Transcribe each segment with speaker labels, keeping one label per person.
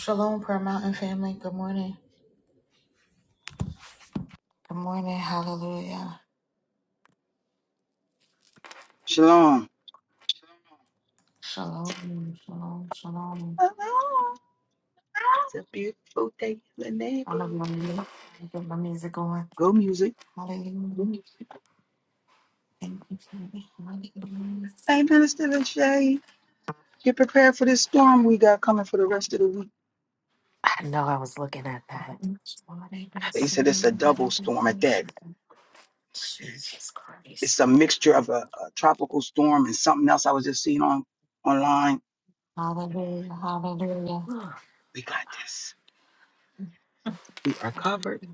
Speaker 1: Shalom, Prayer Mountain family. Good morning. Good morning. Hallelujah.
Speaker 2: Shalom.
Speaker 1: Shalom. Shalom. Shalom.
Speaker 2: Hello. It's a beautiful day in the
Speaker 1: I love
Speaker 2: neighborhood.
Speaker 1: my music. I get my music going.
Speaker 2: Go music.
Speaker 1: Hallelujah. Thank you for the hallelujah.
Speaker 2: Hey, Minister Lachey, get prepared for this storm we got coming for the rest of the week.
Speaker 3: I know I was looking at that.
Speaker 1: Body been
Speaker 2: They said it's a
Speaker 1: singing that
Speaker 2: double
Speaker 1: I've been
Speaker 2: storm at that.
Speaker 1: pushing.
Speaker 3: Jesus
Speaker 2: It's
Speaker 3: Christ.
Speaker 2: a mixture of a, a tropical storm and something else I was just seeing on online.
Speaker 1: Hallelujah. Hallelujah.
Speaker 2: We
Speaker 3: Happy
Speaker 2: got this. We are
Speaker 1: Thank you
Speaker 2: covered
Speaker 1: for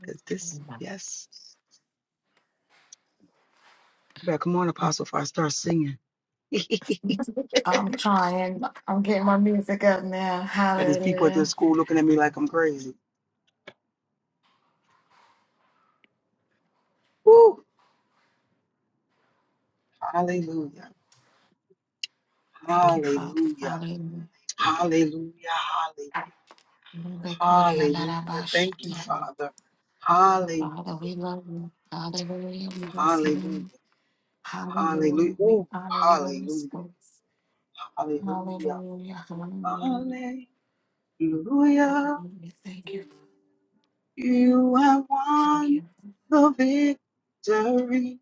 Speaker 2: because this, yes. You better come on, Apostle, before I start singing. and
Speaker 1: I'm trying. I'm getting my music up now.
Speaker 2: there's people at the
Speaker 1: Hallelujah.
Speaker 2: school looking at me like I'm crazy. Woo! Hallelujah.
Speaker 1: Thank you, Father.
Speaker 2: Hallelujah.
Speaker 1: Hallelujah.
Speaker 2: Hallelujah, hallelujah, hallelujah. Thank you,
Speaker 1: Hallelujah.
Speaker 2: Father. Hallelujah,
Speaker 1: Father, we love you. Hallelujah. We bless you.
Speaker 2: hallelujah, hallelujah.
Speaker 1: Hallelujah. We
Speaker 2: Oh,
Speaker 1: honor you in this
Speaker 2: hallelujah,
Speaker 1: place.
Speaker 2: hallelujah,
Speaker 1: Hallelujah. Hallelujah.
Speaker 2: hallelujah.
Speaker 1: Hallelujah. Thank you.
Speaker 2: You have
Speaker 1: Thank you.
Speaker 2: won the victory.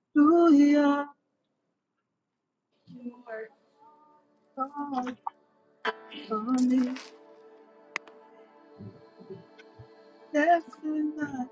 Speaker 2: Hallelujah. You have won for me. Death could not.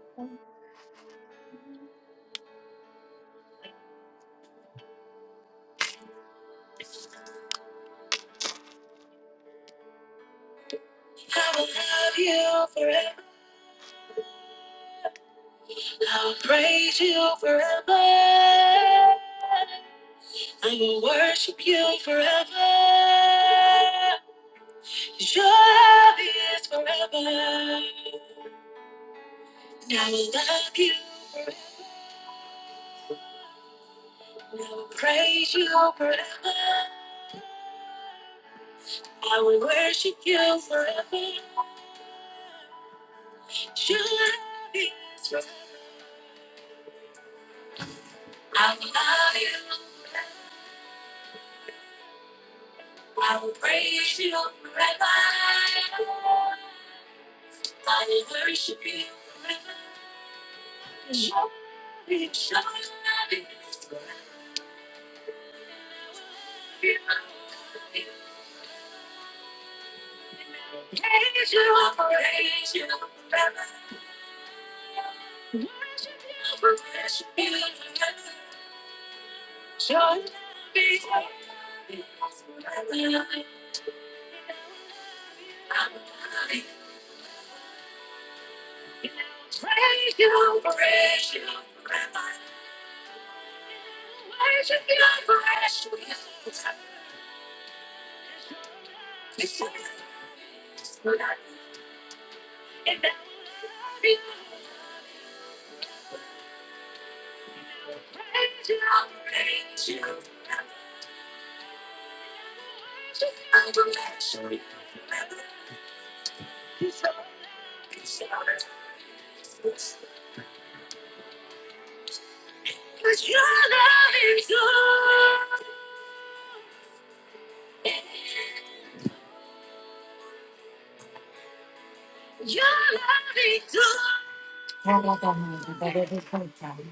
Speaker 1: Hallelujah. That it is good, Father.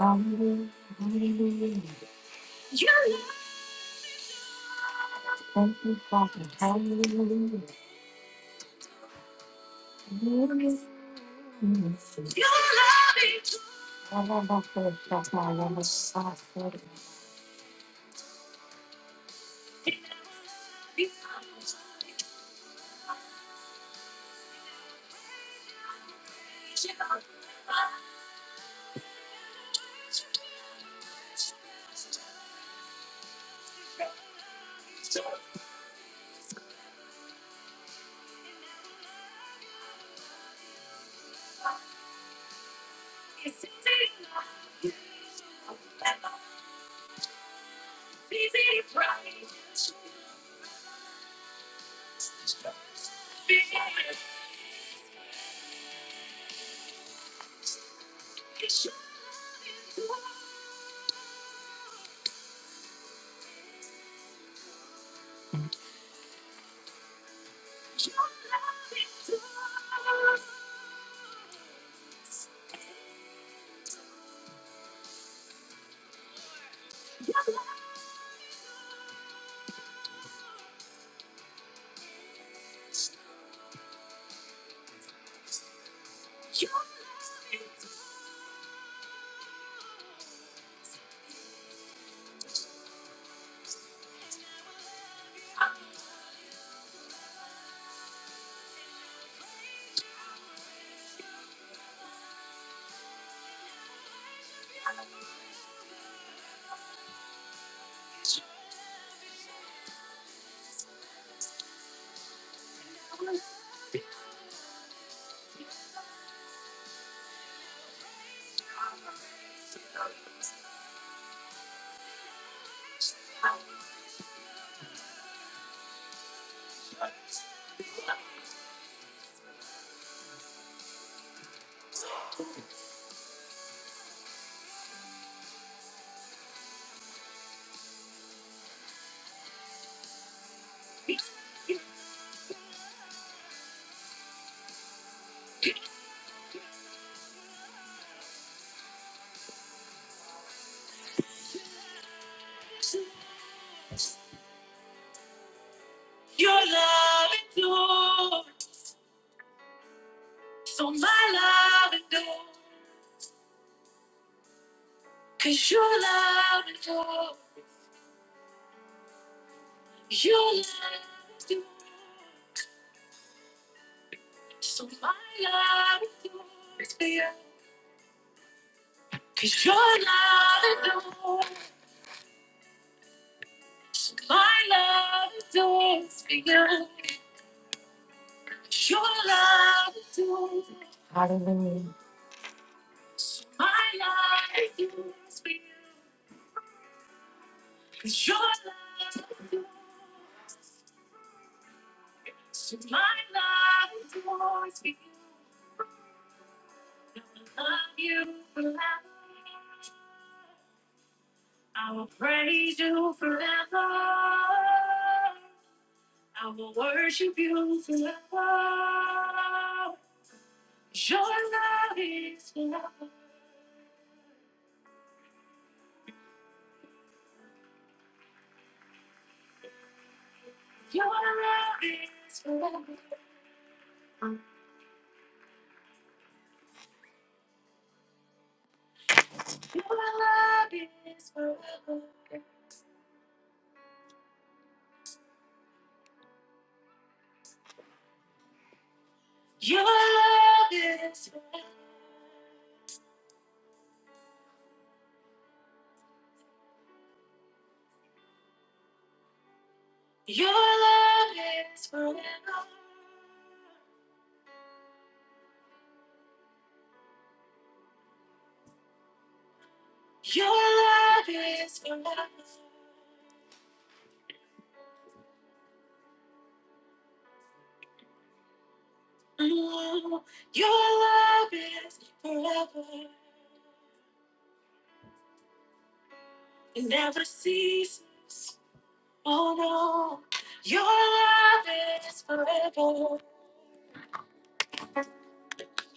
Speaker 1: Hallelujah. Hallelujah. Thank you, Father. Hallelujah. Hallelujah. Hallelujah. Hallelujah. Your love is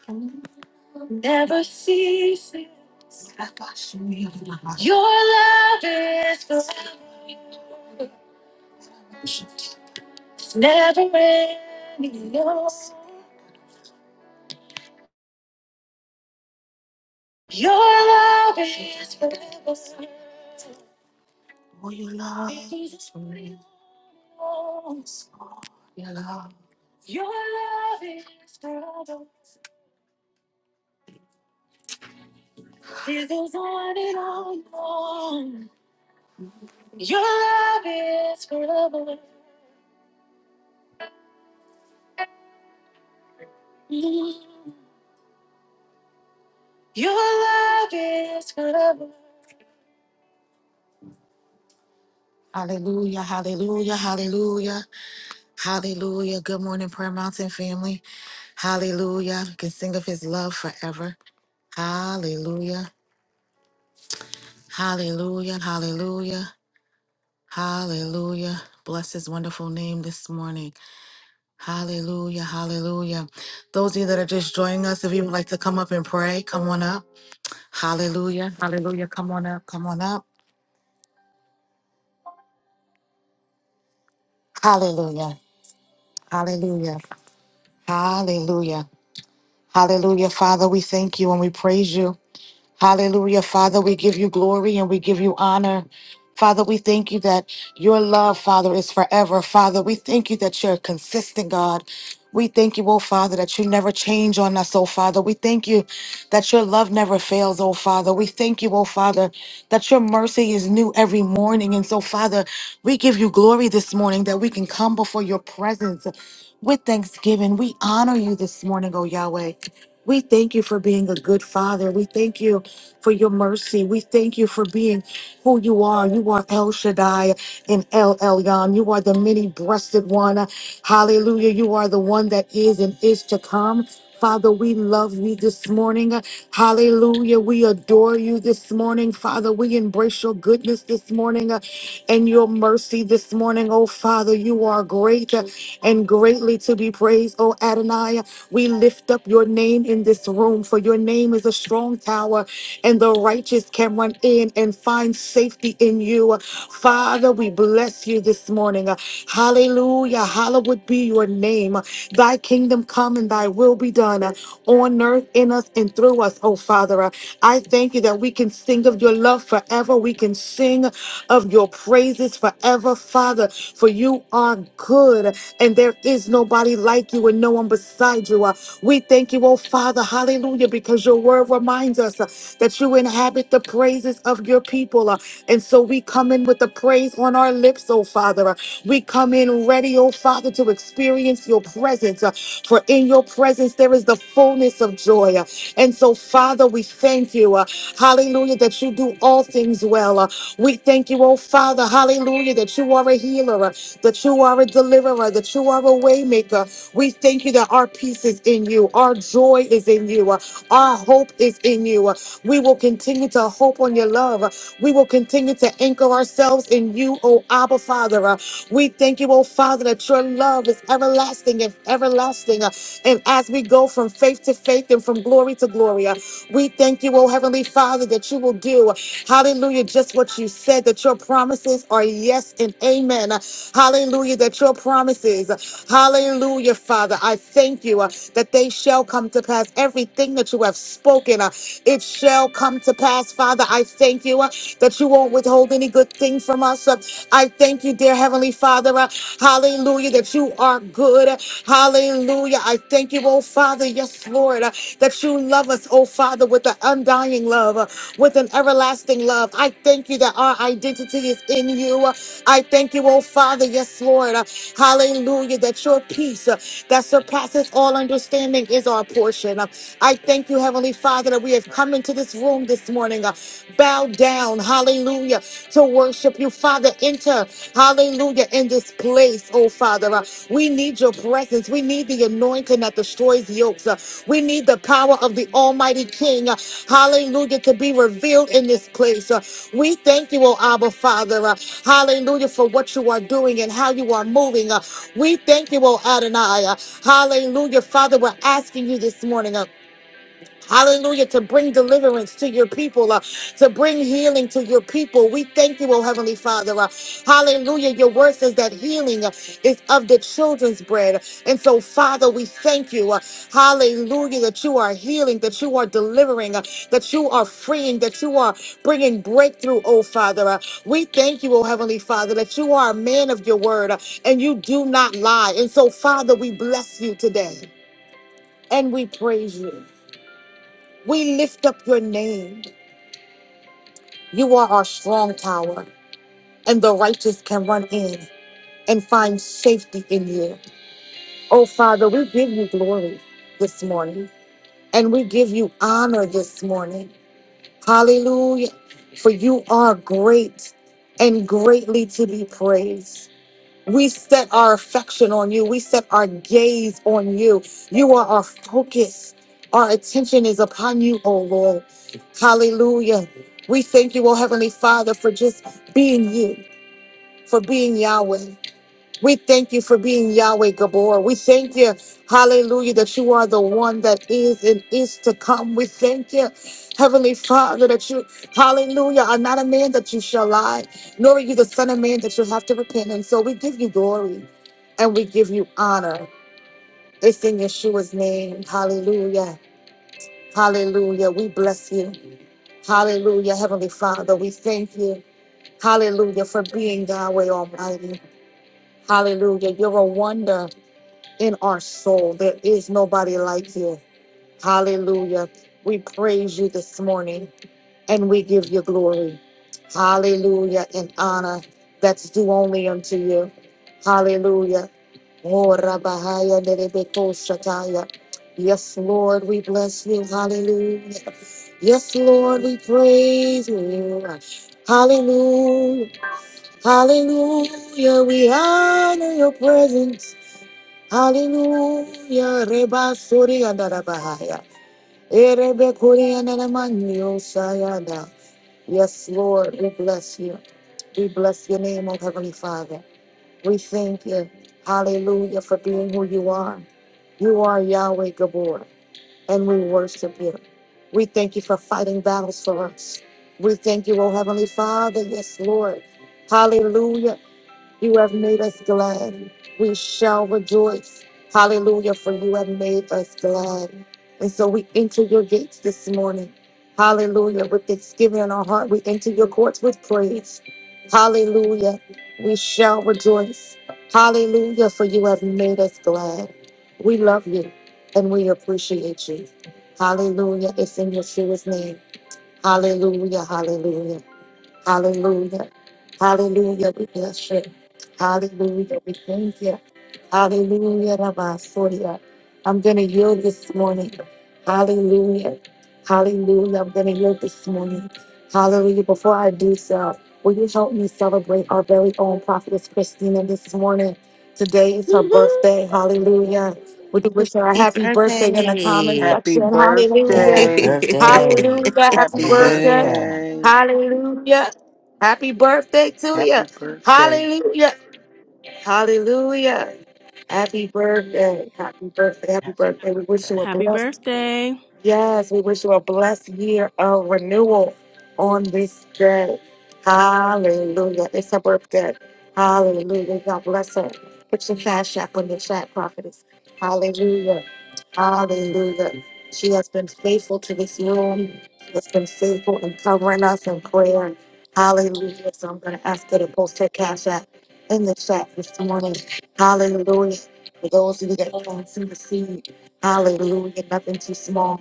Speaker 1: forever. Your love is forever, it's never ending. Your your love is forever. Oh, your love. Your love. Hallelujah, hallelujah, hallelujah, hallelujah. Good morning, Prayer Mountain family. Hallelujah. We can sing of his love forever. Hallelujah, hallelujah, hallelujah, Hallelujah. Bless his wonderful name this morning. Hallelujah. Hallelujah. Those of you that are just joining us, if you would like to come up and pray, come on up. Hallelujah. Hallelujah. Come on up. Come on up. Hallelujah. Hallelujah. Hallelujah. Hallelujah. Father, we thank you and we praise you. Hallelujah. Father, we give you glory and we give you honor. Father, we thank you that your love, Father, is forever. Father, we thank you that you're consistent, God. We thank you, oh Father, that you never change on us, oh Father. We thank you that your love never fails, oh Father. We thank you, oh Father, that your mercy is new every morning. And so, Father, we give you glory this morning that we can come before your presence with thanksgiving. We honor you this morning, oh Yahweh. We thank you for being a good father. We thank you for your mercy. We thank you for being who you are. You are El Shaddai and El Elyon. You are the many breasted one. Hallelujah. You are the one that is and is to come. Father, we love you this morning. Hallelujah. We adore you this morning. Father, we embrace your goodness this morning uh, and your mercy this morning. Oh, Father, you are great uh, and greatly to be praised. Oh, Adonai, we lift up your name in this room, for your name is a strong tower and the righteous can run in and find safety in you. Father, we bless you this morning. Hallelujah. Hallowed be your name. Thy kingdom come and thy will be done uh, on earth, in us, and through us, oh Father. Uh, I thank you that we can sing of your love forever. We can sing of your praises forever, Father, for you are good and there is nobody like you and no one beside you. Uh, We thank you, oh Father, hallelujah, because your word reminds us uh, that you inhabit the praises of your people. uh, And so we come in with the praise on our lips, oh Father. Uh, We come in ready, oh Father, to experience your presence, uh, for in your presence there is the fullness of joy. Uh, And so, Father, we thank you, uh, hallelujah, that you do all things well. Uh, we thank you, oh Father, hallelujah, that you are a healer, uh, that you are a deliverer, that you are a waymaker. We thank you that our peace is in you, our joy is in you, uh, our hope is in you. Uh, we will continue to hope on your love. Uh, we will continue to anchor ourselves in you, oh Abba Father. Uh, we thank you, oh Father, that your love is everlasting and everlasting building. uh, And as we go from faith to faith and from glory to glory, uh, we thank you, oh Heavenly Father, that you will do, hallelujah, just what you said, that your promises are yes and amen. Uh, Hallelujah, that your promises, uh, hallelujah, Father, I thank you uh, that they shall come to pass. Everything that you have spoken, uh, it shall come to pass, Father. I thank you uh, that you won't withhold any good thing from us. Uh, I thank you, dear Heavenly. Heavenly Father. Uh, Hallelujah, that you are good. Hallelujah. I thank you, oh Father. Yes, Lord, uh, that you love us, oh Father, with an undying love, uh, with an everlasting love. I thank you that our identity is in you. Uh, I thank you, oh Father. Yes, Lord. Uh, Hallelujah, that your peace uh, that surpasses all understanding is our portion. Uh, I thank you, Heavenly Father, that we have come into this room this morning. Uh, bowed bow down, hallelujah, to worship you, Father. Enter, hallelujah, in this place, oh Father. Uh, We need your presence. We need the anointing that destroys yokes. Uh, We need the power of the Almighty King, uh, hallelujah, to be revealed in this place. Uh, We thank you, oh Abba, Father, uh, hallelujah, for what you are doing and how you are moving. Uh, We thank you, oh Adonai, uh, hallelujah, Father. We're asking you this morning. Uh, Hallelujah, to bring deliverance to your people, uh, to bring healing to your people. We thank you, oh Heavenly Father. uh, hallelujah. Your word says that healing uh, is of the children's bread. And so, Father, we thank you. uh, hallelujah, that you are healing, that you are delivering, uh, that you are freeing, that you are bringing breakthrough, oh Father. uh, we thank you, oh Heavenly Father, that you are a man of your word uh, and you do not lie. And so, Father, we bless you today and we praise you. We lift up your name. You are our strong tower, and the righteous can run in and find safety in you. Oh, Father, we give you glory this morning, and we give you honor this morning. Hallelujah. For you are great and greatly to be praised. We set our affection on you. We set our gaze on you. You are our focus. Our attention is upon you, oh Lord. Hallelujah. We thank you, oh Heavenly Father, for just being you, for being Yahweh. We thank you for being Yahweh Gabor. We thank you, hallelujah, that you are the one that is and is to come. We thank you, Heavenly Father, that you, hallelujah, are not a man that you shall lie, nor are you the Son of Man that you have to repent. And so we give you glory and we give you honor. It's in Yeshua's name. Hallelujah. Hallelujah. We bless you. Hallelujah, Heavenly Father. We thank you. Hallelujah for being Yahweh Almighty. Hallelujah. You're a wonder. in our soul. There is nobody like you. Hallelujah. We praise you this morning and we give you glory. Hallelujah and honor that's due only unto you. Hallelujah. Oh, Rabahaya, Nerebeko Shataya. Yes, Lord, we bless you. Hallelujah. Yes, Lord, we praise you. Hallelujah. Hallelujah. We honor your presence. Hallelujah, Reba Suri and Arabahaya. Erebe Kuri and Aramanio Sayada. Yes, Lord, we bless you. We bless your name, O Heavenly Father. We thank you, hallelujah, for being who you are. You are Yahweh Gabor, and we worship you. We thank you for fighting battles for us. We thank you, O Heavenly Father. Yes, Lord. Hallelujah. You have made us glad. We shall rejoice. Hallelujah, for you have made us glad. And so we enter your gates this morning. Hallelujah. With thanksgiving in our heart, we enter your courts with praise. Hallelujah. We shall rejoice. Hallelujah, for you have made us glad. We love you and we appreciate you. Hallelujah. It's in Yeshua's name. Hallelujah. Hallelujah. Hallelujah. Hallelujah. We bless you. Hallelujah. We thank you. Hallelujah. Rabasoria. I'm going to yield this morning. Hallelujah. Hallelujah. I'm going to yield this morning. Hallelujah. Before I do so, will you help me celebrate our very own prophetess Christina this morning? Today is her birthday. Hallelujah. We can wish her a happy birthday in the comment
Speaker 3: birthday.
Speaker 2: Happy
Speaker 1: section.
Speaker 3: Good
Speaker 4: Happy
Speaker 1: Hallelujah.
Speaker 2: birthday.
Speaker 4: birthday.
Speaker 1: Hallelujah. Happy
Speaker 2: Happy
Speaker 1: birthday.
Speaker 4: Hallelujah.
Speaker 2: birthday.
Speaker 1: Hallelujah. Happy birthday to you.
Speaker 2: Happy birthday.
Speaker 1: Hallelujah. Hallelujah. Happy birthday. Happy birthday. Happy
Speaker 2: Happy
Speaker 1: birthday. We wish you a
Speaker 2: birthday.
Speaker 5: Happy
Speaker 1: blessed
Speaker 5: birthday.
Speaker 1: Yes, we wish you a blessed year of renewal on this day. Hallelujah. It's her birthday. Hallelujah. God bless her. Put your cash app on the chat, prophetess. Hallelujah. Hallelujah. She has been faithful to this room. She has been faithful in covering us in prayer. Hallelujah. So I'm going to ask her to post her cash app in the chat this morning. Hallelujah. For those of you that can't see the seed, hallelujah. Nothing too small.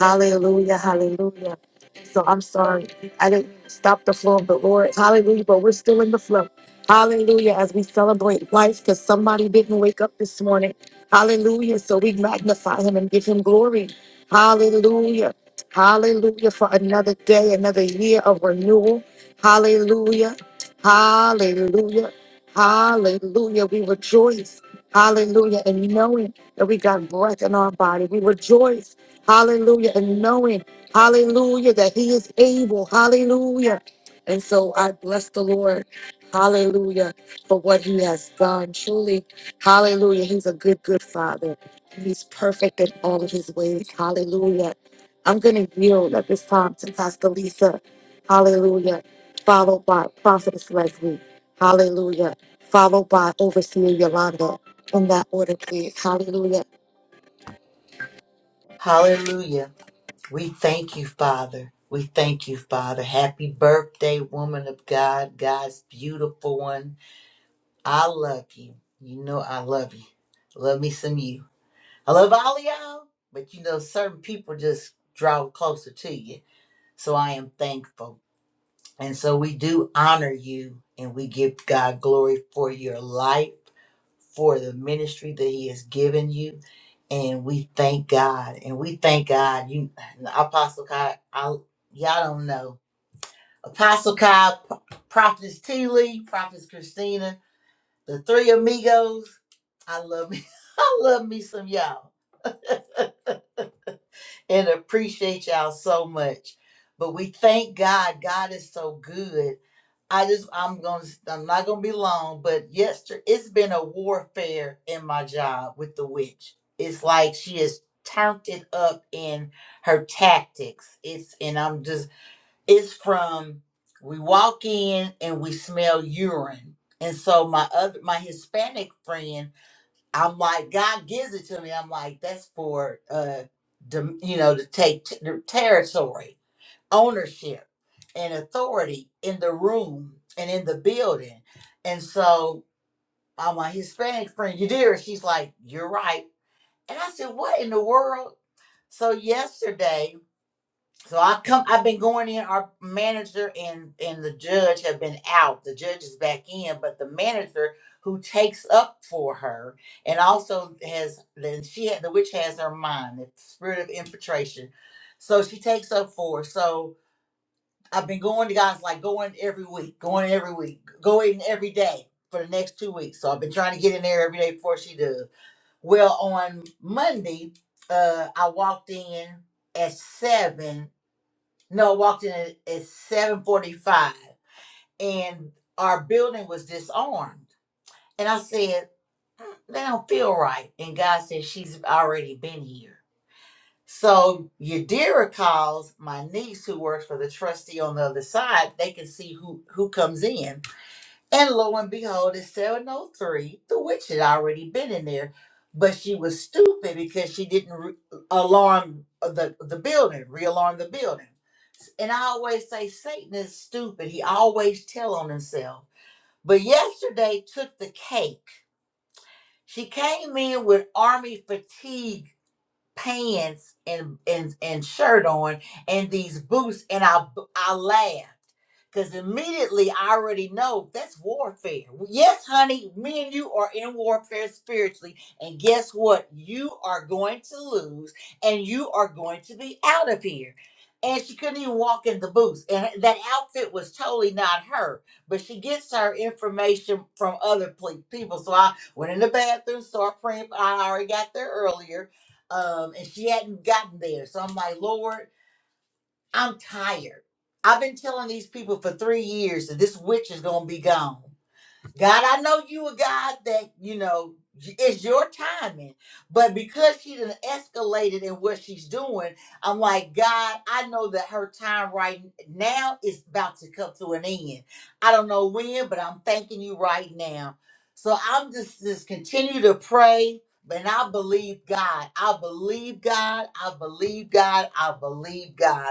Speaker 1: Hallelujah, hallelujah. So I'm sorry. I didn't stop the flow of the Lord. Hallelujah. But we're still in the flow. Hallelujah. As we celebrate life, because somebody didn't wake up this morning. Hallelujah. So we magnify him and give him glory. Hallelujah. Hallelujah for another day, another year of renewal. Hallelujah. Hallelujah. Hallelujah. We rejoice. Hallelujah. And knowing that we got breath in our body, we rejoice. Hallelujah. And knowing, hallelujah, that he is able. Hallelujah. And so I bless the Lord. Hallelujah. For what he has done. Truly, hallelujah. He's a good, good father. He's perfect in all of his ways. Hallelujah. I'm going to yield at this time to Pastor Lisa. Hallelujah. Followed by Prophetess Leslie. Hallelujah. Followed by Overseer Yolanda. In that order, please. Hallelujah.
Speaker 6: Hallelujah. We thank you, Father. We thank you, Father. Happy birthday, woman of God, God's beautiful one. I love you. You know I love you. Love me some you. I love all of y'all, but you know, certain people just draw closer to you. So I am thankful. And so we do honor you and we give God glory for your life for the ministry that he has given you. And we thank God. And we thank God. You Apostle Kai, I y'all don't know. Apostle Kai, P- Prophetess T. Lee, Prophetess Christina, the three amigos. I love me. I love me some y'all. and appreciate y'all so much. But we thank God. God is so good. I just I'm gonna I'm not gonna be long, but yesterday it's been a warfare in my job with the witch. It's like she has turned it up in her tactics. It's and I'm just it's from we walk in and we smell urine. And so my other my Hispanic friend I'm like, God gives it to me. I'm like, that's for, uh, dom- you know, to take t- the territory, ownership, and authority in the room and in the building. And so uh, my Hispanic friend Yadira, she's like, you're right. And I said, what in the world? So yesterday so I come. I've been going in. Our manager and and the judge have been out. The judge is back in, but the manager who takes up for her and also has then she had the witch has her mind the spirit of infiltration, so she takes up for. her. So I've been going to guys like going every week, going every week, going every day for the next two weeks. So I've been trying to get in there every day before she does. Well, on Monday, uh, I walked in at seven no, walked in at, at 745 and our building was disarmed. And I said, "Mm, they don't feel right. And God said, she's already been here. So Yadira calls my niece who works for the trustee on the other side. They can see who, who comes in. And lo and behold, in 703, the witch had already been in there, but she was stupid because she didn't re- alarm the, the building, realarm the building. And I always say Satan is stupid. He always tell on himself. But yesterday took the cake. She came in with army fatigue pants and and and shirt on and these boots and I I laughed because immediately I already know that's warfare. Yes, honey, me and you are in warfare spiritually, and guess what? You are going to lose, and you are going to be out of here. And she couldn't even walk in the boots, and that outfit was totally not her. But she gets her information from other ple- people. So I went in the bathroom, started praying. I already got there earlier um, and she hadn't gotten there. So I'm like, Lord, I'm tired. I've been telling these people for three years that this witch is gonna be gone. God, I know you a God that, you know, y- it's your timing. But because she done escalated in what she's doing, I'm like, God, I know that her time right now is about to come to an end. I don't know when, but I'm thanking you right now. So I'm just just continue to pray. but I believe God. I believe God. I believe God. I believe God.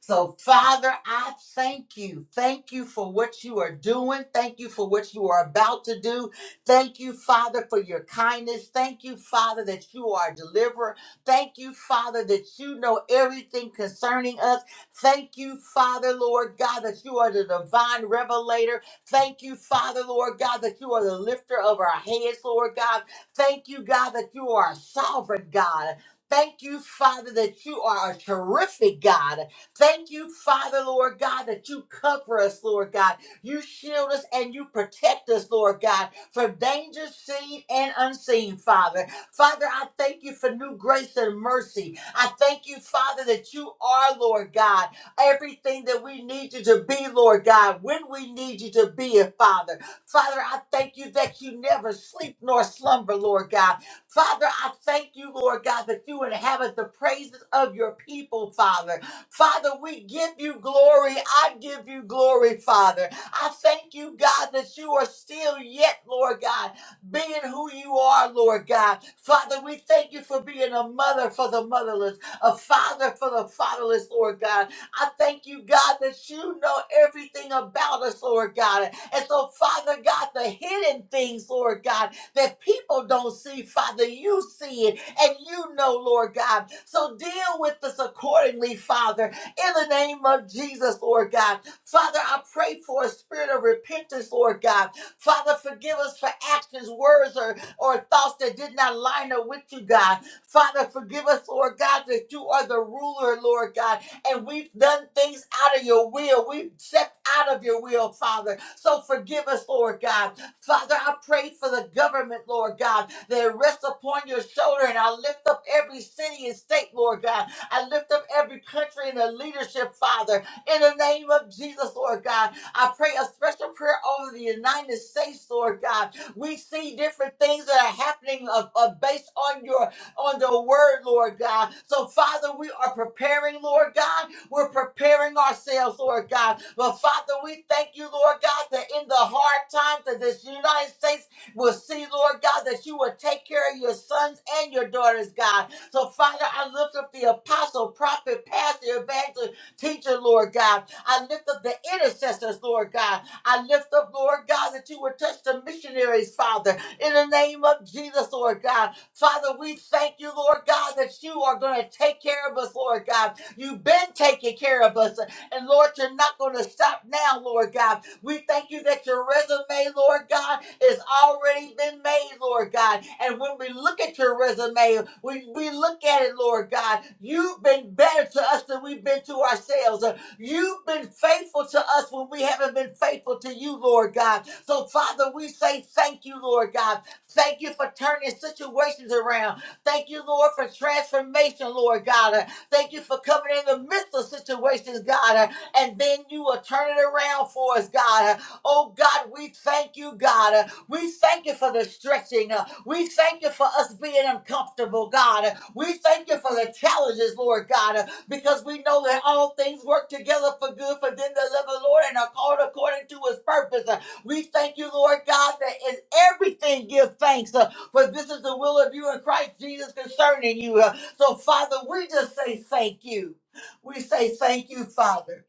Speaker 6: So, Father, I thank you. Thank you for what you are doing. Thank you for what you are about to do. Thank you, Father, for your kindness. Thank you, Father, that you are a deliverer. Thank you, Father, that you know everything concerning us. Thank you, Father, Lord God, that you are the divine revelator. Thank you, Father, Lord God, that you are the lifter of our heads, Lord God. Thank you, God, that you are a sovereign God. Thank you, Father, that you are a terrific God. Thank you, Father, Lord God, that you cover us, Lord God. You shield us and you protect us, Lord God, from danger seen and unseen, Father. Father, I thank you for new grace and mercy. I thank you, Father, that you are, Lord God, everything that we need you to be, Lord God, when we need you to be it, Father. Father, I thank you that you never sleep nor slumber, Lord God. Father, I thank you, Lord God, that you inhabit the praises of your people, Father. Father, we give you glory. I give you glory, Father. I thank you, God, that you are still yet, Lord God, being who you are, Lord God. Father, we thank you for being a mother for the motherless, a father for the fatherless, Lord God. I thank you, God, that you know everything about us, Lord God. And so, Father God, the hidden things, Lord God, that people don't see, Father, you see it and you know, Lord God. So deal with us accordingly, Father, in the name of Jesus, Lord God. Father, I pray for a spirit of repentance, Lord God. Father, forgive us for actions, words, or, or thoughts that did not line up with you, God. Father, forgive us, Lord God, that you are the ruler, Lord God and we've done things out of your will. We've stepped out of your will, Father. So forgive us, Lord God. Father, I pray for the government, Lord God, that it rests upon your shoulder. And I lift up every city and state, Lord God. I lift up every country and the leadership, Father. In the name of Jesus, Lord God, I pray a special prayer over the United States, Lord God. We see different things that are happening of, of based on your on the word, Lord God. So, Father, we are preparing, Lord God. We're preparing ourselves, Lord God. But, Father, we thank you, Lord God, that in the hard times that this United States will see, Lord God, that you will take care of your sons and your daughters, God. So, Father, I lift up the apostle, prophet, pastor, evangelist, teacher, Lord God. I lift up the intercessors, Lord God. I lift up, Lord God, that you would touch the missionaries, Father, in the name of Jesus, Lord God. Father, we thank you, Lord God, that you are going to take care of us, Lord God. You've been taking care of us. And Lord, you're not going to stop now, Lord God. We thank you that your resume, Lord God, has already been made, Lord God. And when we look at your resume, we, we look at it, Lord God. You've been better to us than we've been to ourselves. You've been faithful to us when we haven't been faithful to you, Lord God. So, Father, we say thank you, Lord God. Thank you for turning situations around. Thank you, Lord, for transformation, Lord God. Uh, Thank you for coming in the midst of situations, God. uh, And then you will turn it around for us, God. Uh, Oh, God, we thank you, God. Uh, We thank you for the stretching. Uh, we thank you for us being uncomfortable, God. We thank you for the challenges, Lord God, because we know that all things work together for good for them that love the Lord and are called according to his purpose. We thank you, Lord God, that in everything give thanks, uh, for this is the will of you in Christ Jesus concerning you. Uh, So, Father, we just say thank you. We say thank you, Father.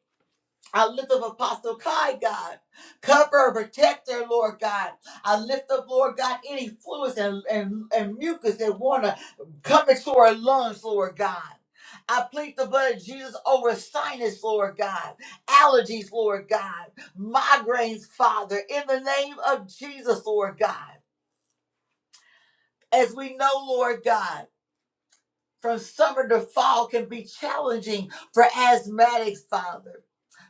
Speaker 6: I lift up Apostle Kai, God. Cover and protect her, Lord God. I lift up, Lord God, any fluids and, and, and mucus that want to come into her lungs, Lord God. I plead the blood of Jesus over sinus, Lord God, allergies, Lord God, migraines, Father, in the name of Jesus, Lord God. As we know, Lord God from summer to fall can be challenging for asthmatics, Father.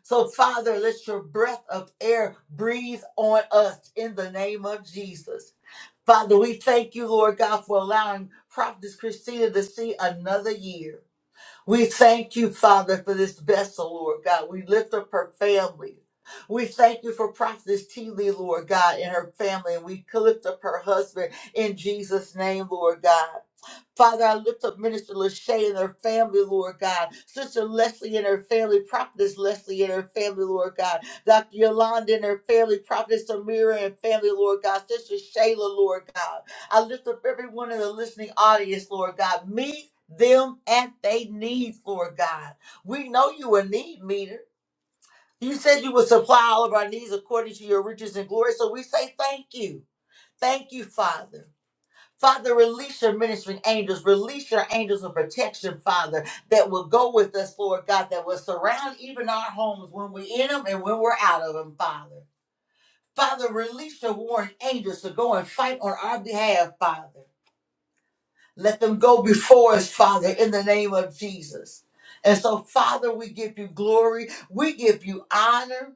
Speaker 6: So, Father, let your breath of air breathe on us in the name of Jesus. Father, we thank you, Lord God, for allowing Prophetess Christina to see another year. We thank you, Father, for this vessel, Lord God. We lift up her family. We thank you for Prophetess T. Lee, Lord God, and her family. And we lift up her husband in Jesus' name, Lord God. Father, I lift up Minister Lachey and her family, Lord God. Sister Leslie and her family, Prophetess Leslie and her family, Lord God. Dr. Yolanda and her family, Prophetess Amira and family, Lord God. Sister Shayla, Lord God. I lift up everyone in the listening audience, Lord God. Meet them at they needs, Lord God. We know you a need meter. You said you would supply all of our needs according to your riches and glory. So we say thank you. Thank you, Father. Father, release your ministering angels. Release your angels of protection, Father, that will go with us, Lord God, that will surround even our homes when we're in them and when we're out of them, Father. Father, release your warring angels to go and fight on our behalf, Father. Let them go before us, Father, in the name of Jesus. And so, Father, we give you glory. We give you honor.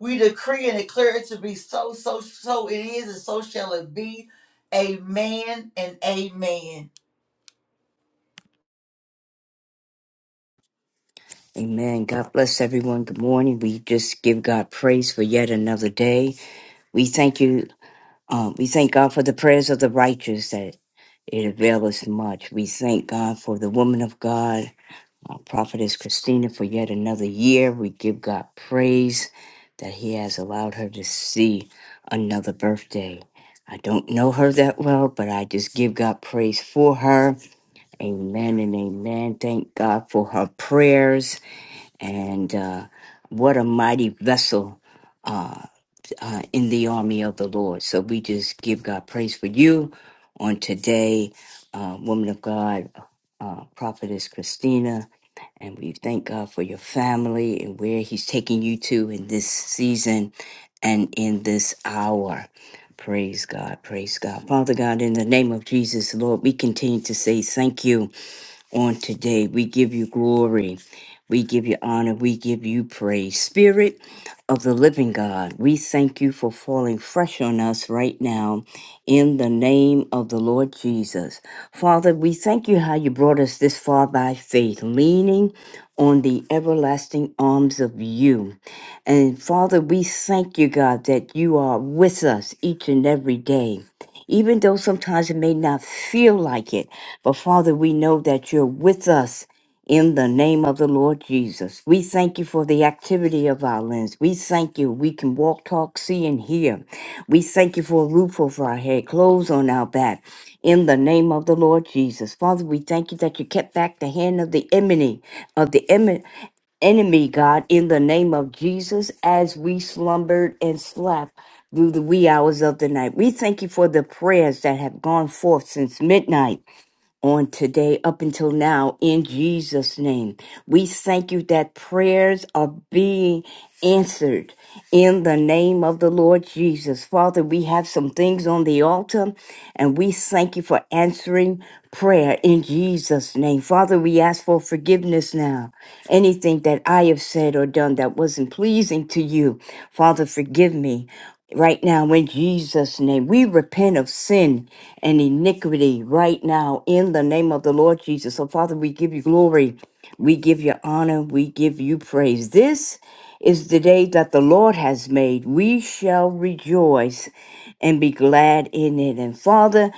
Speaker 6: We decree and declare it to be so, so, so it is, and so shall it be. Amen and amen.
Speaker 4: Amen. God bless everyone. Good morning. We just give God praise for yet another day. We thank you. Um, we thank God for the prayers of the righteous that it availeth much. We thank God for the woman of God, our prophetess Christina, for yet another year. We give God praise that He has allowed her to see another birthday. I don't know her that well, but I just give God praise for her Amen and amen. Thank God for her prayers and uh, what a mighty vessel uh, uh, in the army of the Lord. So we just give God praise for you on today, uh, woman of God, uh, prophetess Christina. And we thank God for your family and where He's taking you to in this season and in this hour. Praise God, praise God. Father God, in the name of Jesus, Lord, we continue to say thank you on today. We give you glory. We give you honor. We give you praise. Spirit of the living God, we thank you for falling fresh on us right now in the name of the Lord Jesus. Father, we thank you how you brought us this far by faith, leaning on the everlasting arms of you. And Father, we thank you, God, that you are with us each and every day even though sometimes it may not feel like it. But Father, we know that you're with us in the name of the Lord Jesus. We thank you for the activity of our lens. We thank you. We can walk, talk, see, and hear. We thank you for a roof over our head, clothes on our back. In the name of the Lord Jesus. Father, we thank you that you kept back the hand of the enemy, of the em- enemy, God, in the name of Jesus, as we slumbered and slept through the wee hours of the night. We thank you for the prayers that have gone forth since midnight on today up until now in Jesus' name. We thank you that prayers are being answered in the name of the Lord Jesus. Father, we have some things on the altar and we thank you for answering prayer in Jesus' name. Father, we ask for forgiveness now. Anything that I have said or done that wasn't pleasing to you, Father, forgive me right now in Jesus' name. We repent of sin and iniquity right now in the name of the Lord Jesus. So, Father, we give you glory. We give you honor. We give you praise. This is the day that the Lord has made. We shall rejoice and be glad in it. And, Father,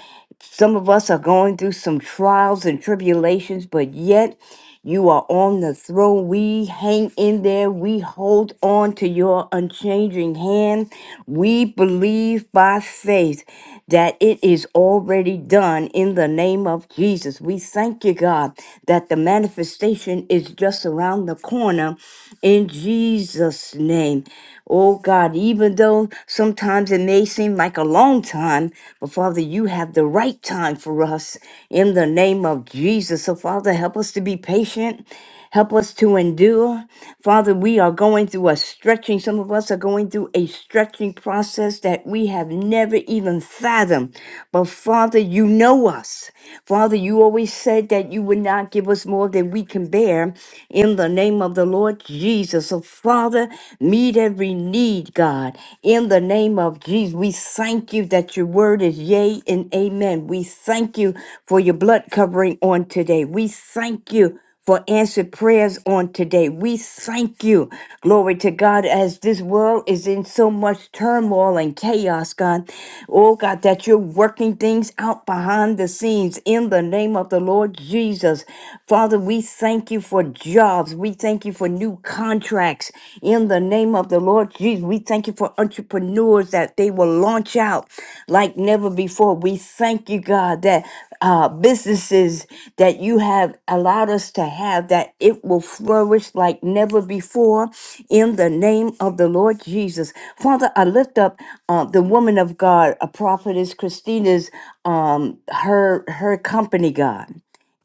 Speaker 4: some of us are going through some trials and tribulations, but yet you are on the throne. We hang in there. We hold on to your unchanging hand. We believe by faith that it is already done in the name of Jesus. We thank you, God, that the manifestation is just around the corner in Jesus' name. Oh God, even though sometimes it may seem like a long time, but Father, you have the right time for us in the name of Jesus. So, Father, help us to be patient. Help us to endure. Father, we are going through a stretching. Some of us are going through a stretching process that we have never even fathomed. But Father, you know us. Father, you always said that you would not give us more than we can bear in the name of the Lord Jesus. So, Father, meet every need, God, in the name of Jesus. We thank you that your word is yea and amen. We thank you for your blood covering on today. We thank you for answered prayers on today. We thank you. Glory to God, as this world is in so much turmoil and chaos, God. Oh, God, that you're working things out behind the scenes in the name of the Lord Jesus. Father, we thank you for jobs. We thank you for new contracts in the name of the Lord Jesus. We thank you for entrepreneurs that they will launch out like never before. We thank you, God, that uh, businesses that you have allowed us to have, that it will flourish like never before in the name of the Lord Jesus. Father, I lift up uh, the woman of God, a prophetess, Christina's, um, her, her company, God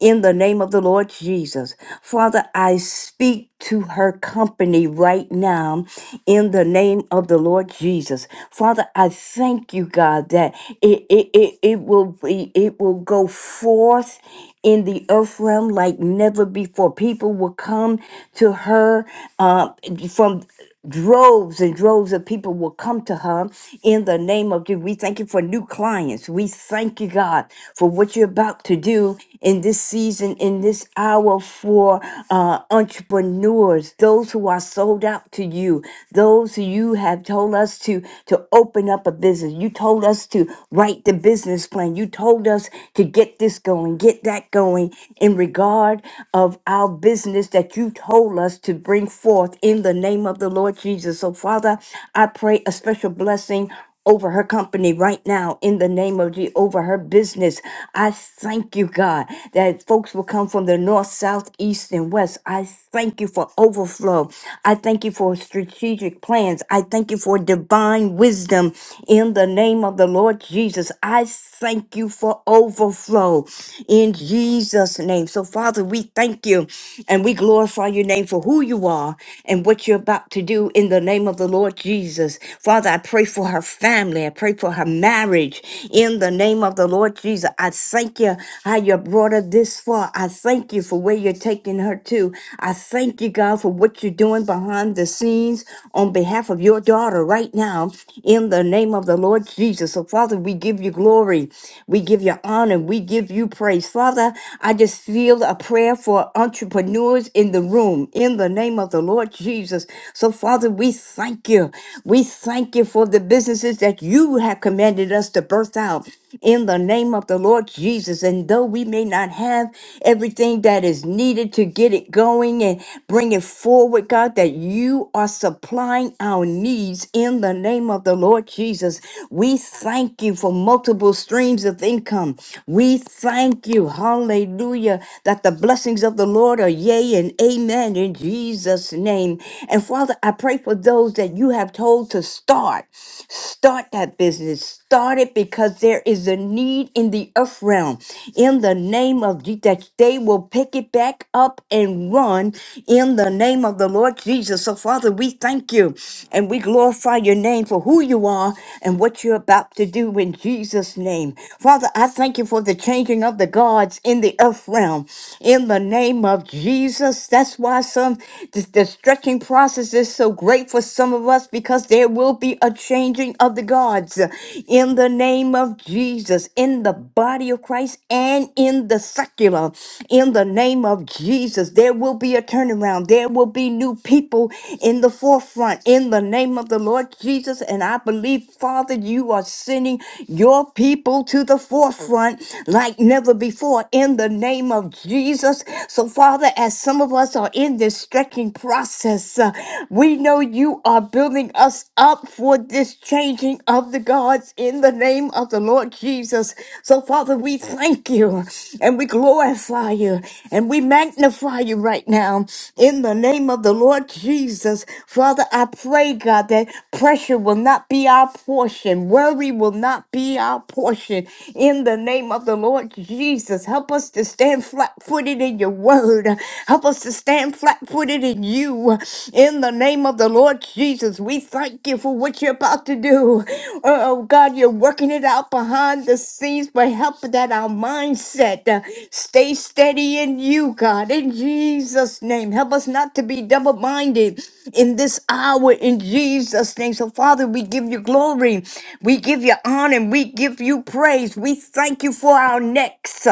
Speaker 4: in the name of the Lord Jesus. Father, I speak to her company right now in the name of the Lord Jesus. Father, I thank you, God, that it, it, it, it will be it will go forth in the earth realm like never before. People will come to her uh, from droves and droves of people will come to her in the name of Jesus. We thank you for new clients. We thank you, God, for what you're about to do in this season, in this hour for uh, entrepreneurs, those who are sold out to you, those who you have told us to, to open up a business. You told us to write the business plan. You told us to get this going, get that going in regard of our business that you told us to bring forth in the name of the Lord Jesus. So, Father, I pray a special blessing over her company right now in the name of Jesus, over her business. I thank you, God, that folks will come from the north, south, east, and west. I thank you for overflow. I thank you for strategic plans. I thank you for divine wisdom in the name name of the Lord Jesus, I thank you for overflow in Jesus' name. So, Father, we thank you and we glorify your name for who you are and what you're about to do in the name of the Lord Jesus. Father, I pray for her family. I pray for her marriage in the name of the Lord Jesus. I thank you how you brought her this far. I thank you for where you're taking her to. I thank you, God, for what you're what you're doing behind the scenes on behalf of your daughter right now in the name of the Lord Jesus. So, Father, we give you glory. We give you honor. We give you praise. Father, I just feel a prayer for entrepreneurs in the room in the name of the Lord Jesus. So, Father, we thank you. We thank you for the businesses that you have commanded us to birth out in the name of the Lord Jesus. And and though we may not have everything that is needed to get it going and bring it forward, God, that you are supplying our needs in the name of the Lord Jesus. We thank you for multiple streams of income. We thank you, hallelujah, that the blessings of the Lord are yea and amen in Jesus' name. And Father, I pray for those that you have told to start. Start that business. Start it because there is a need in the earth realm. In the name of Jesus, that they will pick it back up and run in the name of the Lord Jesus. So, Father, we thank you and we glorify your name for who you are and what you're about to do in Jesus' name. Father, I thank you for the changing of the gods in the earth realm. In the name of Jesus, that's why some the, the stretching process is so great for some of us because there will be a changing of the guards uh, in the name of Jesus, in the body of Christ and in the secular. In the name of Jesus, there will be a turnaround. There will be new people in the forefront in the name of the Lord Jesus. And I believe, Father, you are sending your people to the forefront like never before in the name of Jesus. So, Father, as some of us are in this stretching process, uh, we know you are building us up for this changing of the gods in the name of the Lord Jesus. So, Father, we thank you and we glorify you and we magnify you right now in the name of the Lord Jesus. Father, I pray, God, that pressure will not be our portion, worry will not be our portion in the name of the Lord Jesus. Help us to stand flat footed in your word, help us to stand flat footed in you in the name of the Lord Jesus. We thank thank you for what you're about to do. Oh, oh, God, you're working it out behind the scenes by helping that our mindset uh, stay steady in you, God, in Jesus' name. Help us not to be double minded in this hour, in Jesus' name. So, Father, we give you glory, we give you honor, and we give you praise. We thank you for our next,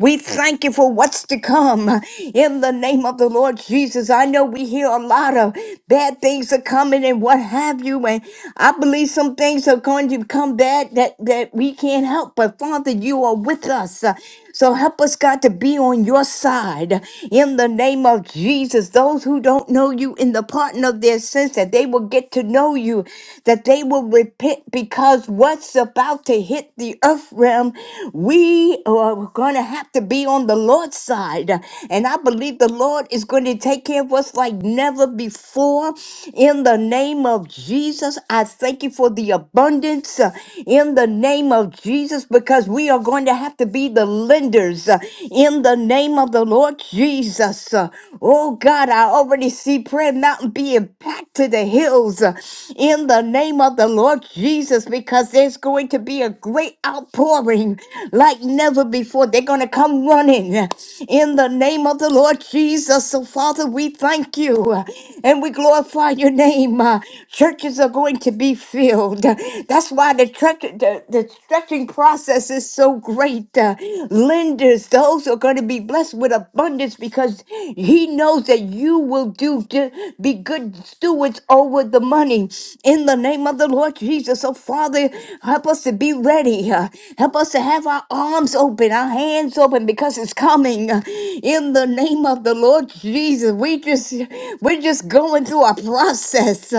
Speaker 4: we thank you for what's to come in the name of the Lord Jesus. I know we hear a lot of bad things are coming and what happened have you. And I believe some things are going to come back that, that we can't help. But Father, you are with us. Uh, So help us, God, to be on your side in the name of Jesus. Those who don't know you in the pardon of their sins, that they will get to know you, that they will repent because what's about to hit the earth realm, we are going to have to be on the Lord's side. And I believe the Lord is going to take care of us like never before in the name name of Jesus. I thank you for the abundance uh, in the name of Jesus because we are going to have to be the lenders uh, in the name of the Lord Jesus. Uh, Oh God, I already see Prayer Mountain being packed to the hills uh, in the name of the Lord Jesus because there's going to be a great outpouring like never before. They're going to come running uh, in the name of the Lord Jesus. So, Father, we thank you uh, and we glorify your name name, uh, churches are going to be filled. That's why the, tre- the, the stretching process is so great. Uh, lenders, those are going to be blessed with abundance because He knows that you will do to be good stewards over the money. In the name of the Lord Jesus, so Father, help us to be ready. Uh, help us to have our arms open, our hands open because it's coming. Uh, in the name of the Lord Jesus, we just we're just going through a process process.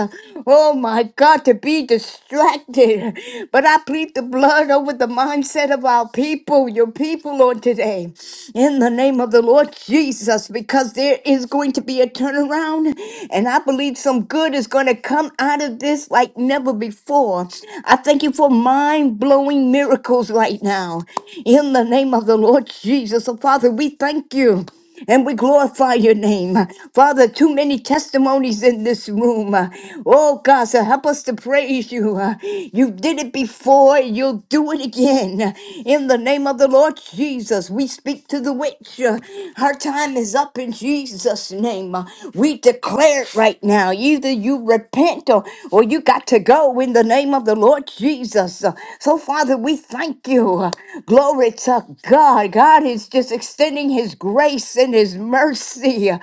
Speaker 4: Oh my God, to be distracted. But I plead the blood over the mindset of our people, your people, Lord, today, in the name of the Lord Jesus, because there is going to be a turnaround. And I believe some good is going to come out of this like never before. I thank you for mind blowing miracles right now, in the name of the Lord Jesus. So, Father, we thank you and we glorify your name. Father, too many testimonies in this room. Oh, God, so help us to praise you. You did it before, you'll do it again. In the name of the Lord Jesus, we speak to the witch. Her time is up in Jesus' name. We declare it right now. Either you repent or, or you got to go in the name of the Lord Jesus. Uh, So, Father, we thank you. Uh, Glory to God. God is just extending His grace and His mercy uh,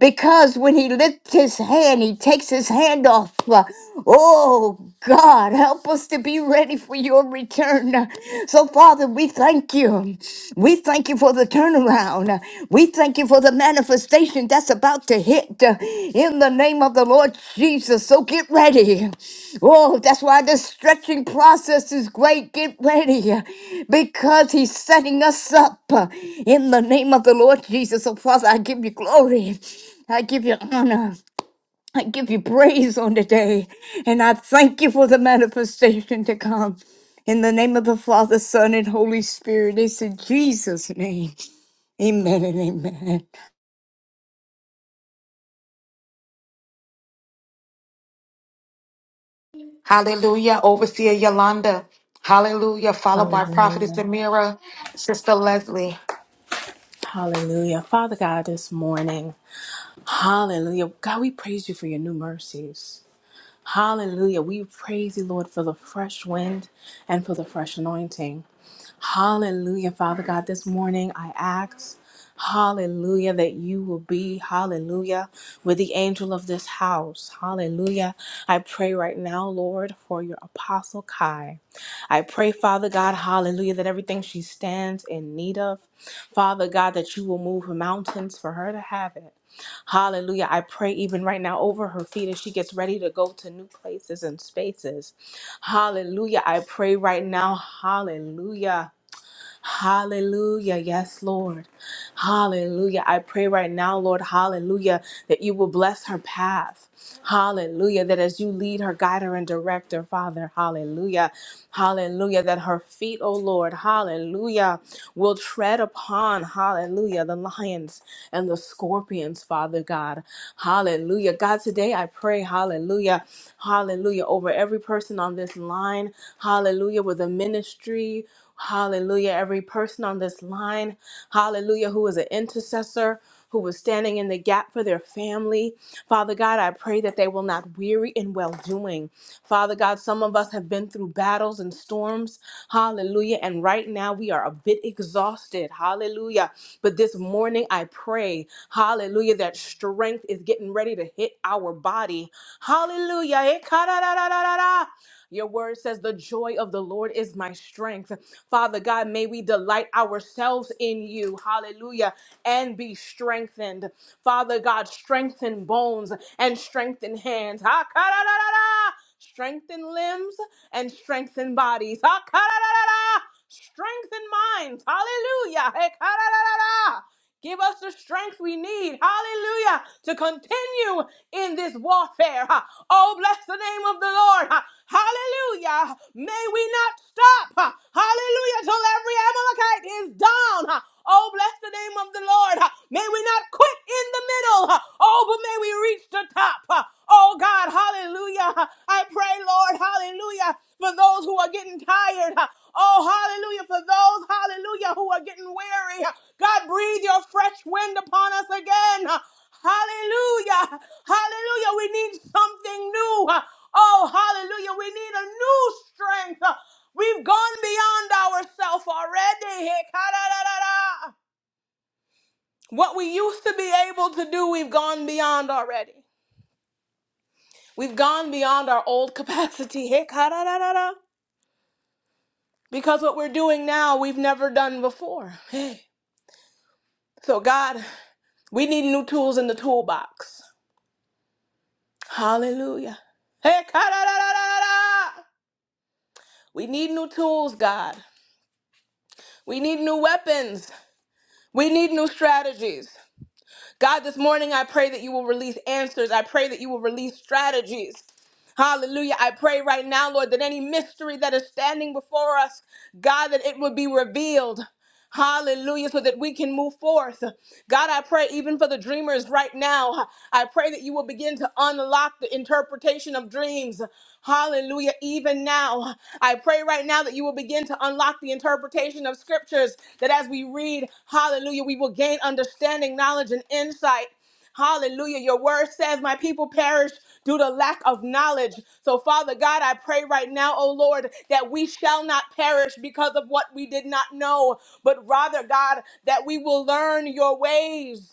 Speaker 4: because when He lifts His hand, He takes His hand off. Uh, Oh, God, help us to be ready for your return. Uh, So, Father, we thank you. We thank you for the turnaround. We thank you for the manifestation that's about to hit uh, in the name of the Lord Jesus. So get ready. Oh, that's why this stretching process is great. Get ready uh, because He's setting us up uh, in the name of the Lord Jesus. So, Father, I give you glory. I give you honor. I give you praise on today, and I thank you for the manifestation to come. In the name of the Father, Son, and Holy Spirit, it's in Jesus' name. Amen and amen.
Speaker 1: Hallelujah. Overseer Yolanda. Hallelujah. Followed by Prophetess
Speaker 5: Hallelujah.
Speaker 1: Amira, Sister Leslie.
Speaker 5: Hallelujah. Father God, this morning, hallelujah. God, we praise you for your new mercies. Hallelujah. We praise you, Lord, for the fresh wind and for the fresh anointing. Hallelujah, Father God. This morning I ask, hallelujah, that you will be, hallelujah, with the angel of this house. Hallelujah. I pray right now, Lord, for your apostle Kai. I pray, Father God, hallelujah, that everything she stands in need of, Father God, that you will move mountains for her to have it. Hallelujah. I pray even right now over her feet as she gets ready to go to new places and spaces. Hallelujah. I pray right now. Hallelujah. Hallelujah. Yes, Lord. Hallelujah. I pray right now, Lord, hallelujah, that you will bless her path. Hallelujah. That as you lead her, guide her, and direct her, Father, hallelujah. Hallelujah. That her feet, oh Lord, hallelujah, will tread upon, hallelujah, the lions and the scorpions, Father God. Hallelujah. God, today I pray, hallelujah, hallelujah, over every person on this line, hallelujah, with a ministry. Hallelujah. Every person on this line, hallelujah, who is an intercessor who was standing in the gap for their family. Father God, I pray that they will not weary in well doing. Father God, some of us have been through battles and storms. Hallelujah. And right now we are a bit exhausted. Hallelujah. But this morning I pray, hallelujah, that strength is getting ready to hit our body. Hallelujah. Eh, ka-da-da-da-da-da-da. Your word says, The joy of the Lord is my strength. Father God, may we delight ourselves in you. Hallelujah. And be strengthened. Father God, strengthen bones and strengthen hands. Ha, ka, da, da, da, da. Strengthen limbs and strengthen bodies. Ha, ka, da, da, da, da. Strengthen minds. Hallelujah. Hey, ka, da, da, da, da. Give us the strength we need, hallelujah, to continue in this warfare. Oh, bless the name of the Lord. Hallelujah. May we not stop, hallelujah, till every Amalekite is down. Oh, bless the name of the Lord. May we not quit in the middle. Oh, but may we reach the top. Oh, God, hallelujah. I pray, Lord, hallelujah, for those who are getting tired. Oh, hallelujah. For those, hallelujah, who are getting weary, God, breathe your fresh wind upon us again. Hallelujah. Hallelujah. We need something new. Oh, hallelujah. We need a new strength. We've gone beyond ourselves already. What we used to be able to do, we've gone beyond already. We've gone beyond our old capacity. Because what we're doing now, we've never done before. Hey. So, God, we need new tools in the toolbox. Hallelujah. Hey, ka-da-da-da-da-da-da. we need new tools, God. We need new weapons. We need new strategies. God, this morning I pray that you will release answers. I pray that you will release strategies. Hallelujah. I pray right now, Lord, that any mystery that is standing before us, God, that it would be revealed. Hallelujah. So that we can move forth. God, I pray even for the dreamers right now. I pray that you will begin to unlock the interpretation of dreams. Hallelujah. Even now, I pray right now that you will begin to unlock the interpretation of scriptures, that as we read, hallelujah, we will gain understanding, knowledge, and insight. Hallelujah. Your word says, My people perish due to lack of knowledge. So, Father God, I pray right now, oh Lord, that we shall not perish because of what we did not know, but rather, God, that we will learn your ways,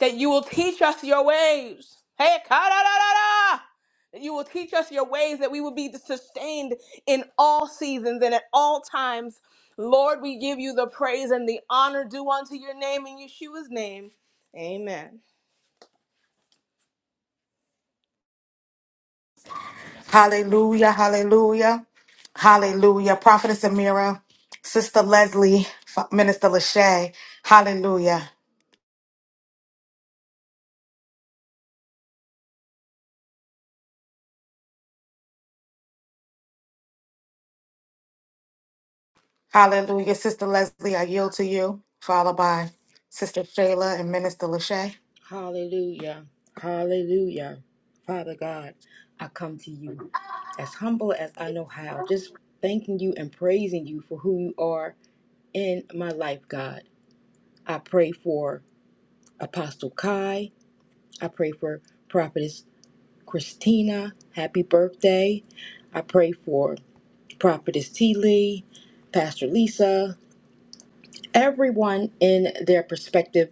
Speaker 5: that you will teach us your ways. Hey, ka-da-da-da-da! that you will teach us your ways, that we will be sustained in all seasons and at all times. Lord, we give you the praise and the honor due unto your name in Yeshua's name. Amen.
Speaker 1: Hallelujah. Hallelujah. Hallelujah. Prophetess Amira, Sister Leslie, F- Minister Lachey. Hallelujah. Hallelujah. Sister Leslie, I yield to you. Followed by Sister Shayla and Minister Lachey.
Speaker 7: Hallelujah. Hallelujah. Father God, I come to you as humble as I know how, just thanking you and praising you for who you are in my life, God. I pray for Apostle Kai. I pray for Prophetess Christina. Happy birthday. I pray for Prophetess T. Lee, Pastor Lisa, everyone in their perspective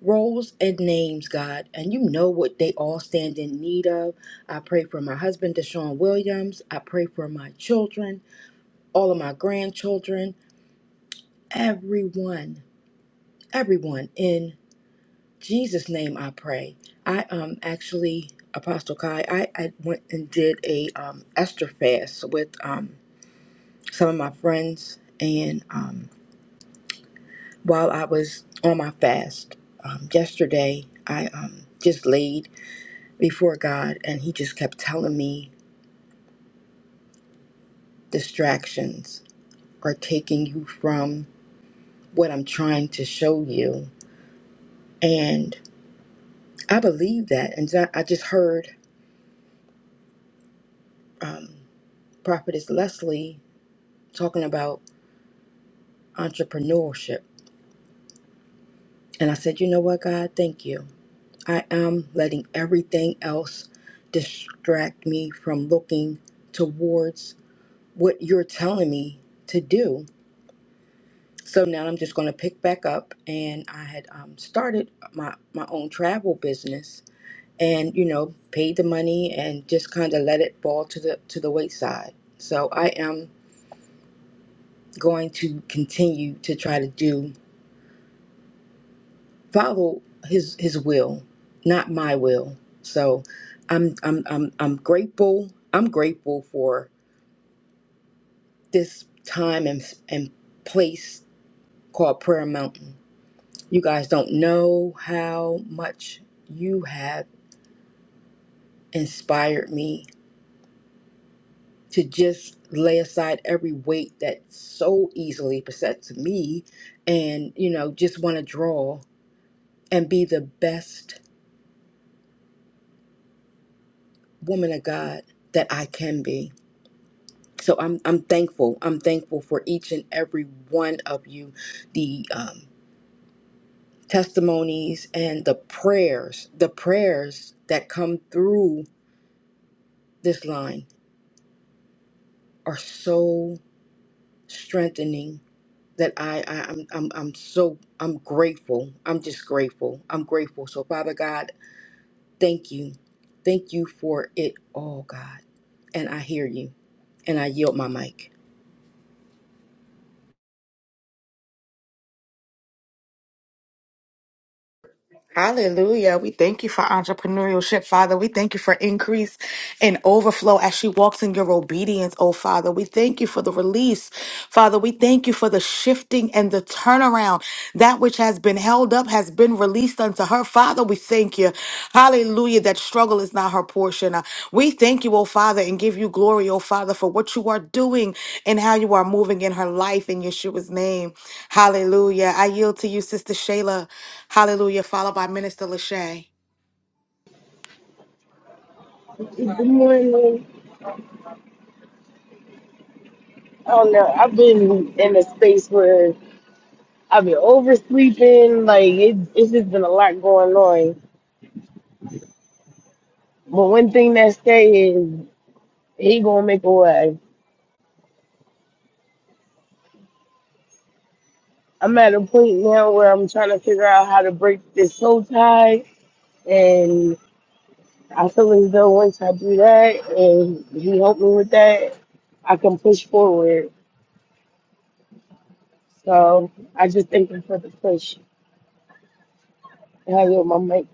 Speaker 7: roles and names, God, and you know what they all stand in need of. I pray for my husband, Deshaun Williams. I pray for my children, all of my grandchildren, everyone, everyone. In Jesus' name, I pray. I um actually, Apostle Kai, I, I went and did a um Esther fast with um some of my friends, and um while I was on my fast um, yesterday, I um just laid before God, and He just kept telling me distractions are taking you from what I'm trying to show you. And I believe that. And I I just heard um, Prophetess Leslie talking about entrepreneurship. And I said, you know what, God, thank you. I am letting everything else distract me from looking towards what you're telling me to do So now I'm just going to pick back up, and I had um, started my my own travel business, and you know, paid the money and just kind of let it fall to the to the wayside. So I am going to continue to try to do follow his his will, not my will. So I'm I'm I'm I'm grateful. I'm grateful for this time and and place called Prayer Mountain. You guys don't know how much you have inspired me to just lay aside every weight that so easily besets me and, you know, just want to draw and be the best woman of God that I can be. So I'm, I'm thankful. I'm thankful for each and every one of you, the um, testimonies and the prayers. The prayers that come through this line are so strengthening that I, I I'm, I'm I'm so I'm grateful. I'm just grateful. I'm grateful. So Father God, thank you, thank you for it all, God. And I hear you, and I yield my mic.
Speaker 1: Hallelujah. We thank you for entrepreneurship, Father. We thank you for increase and overflow as she walks in your obedience, oh Father. We thank you for the release, Father. We thank you for the shifting and the turnaround. That which has been held up has been released unto her, Father. We thank you, hallelujah, that struggle is not her portion. Uh, We thank you, oh Father, and give you glory, oh Father, for what you are doing and how you are moving in her life in Yeshua's name. Hallelujah. I yield to you, Sister Shayla. Hallelujah, followed by Minister Lachey.
Speaker 8: Good morning. I don't know. I've been in a space where I've been oversleeping. Like it, it's just been a lot going on. But one thing that stay is he gonna make a way. I'm at a point now where I'm trying to figure out how to break this soul tie, and I feel as though once I do that, and he helped me with that, I can push forward. So I just thank him for the push. And I yield my mic.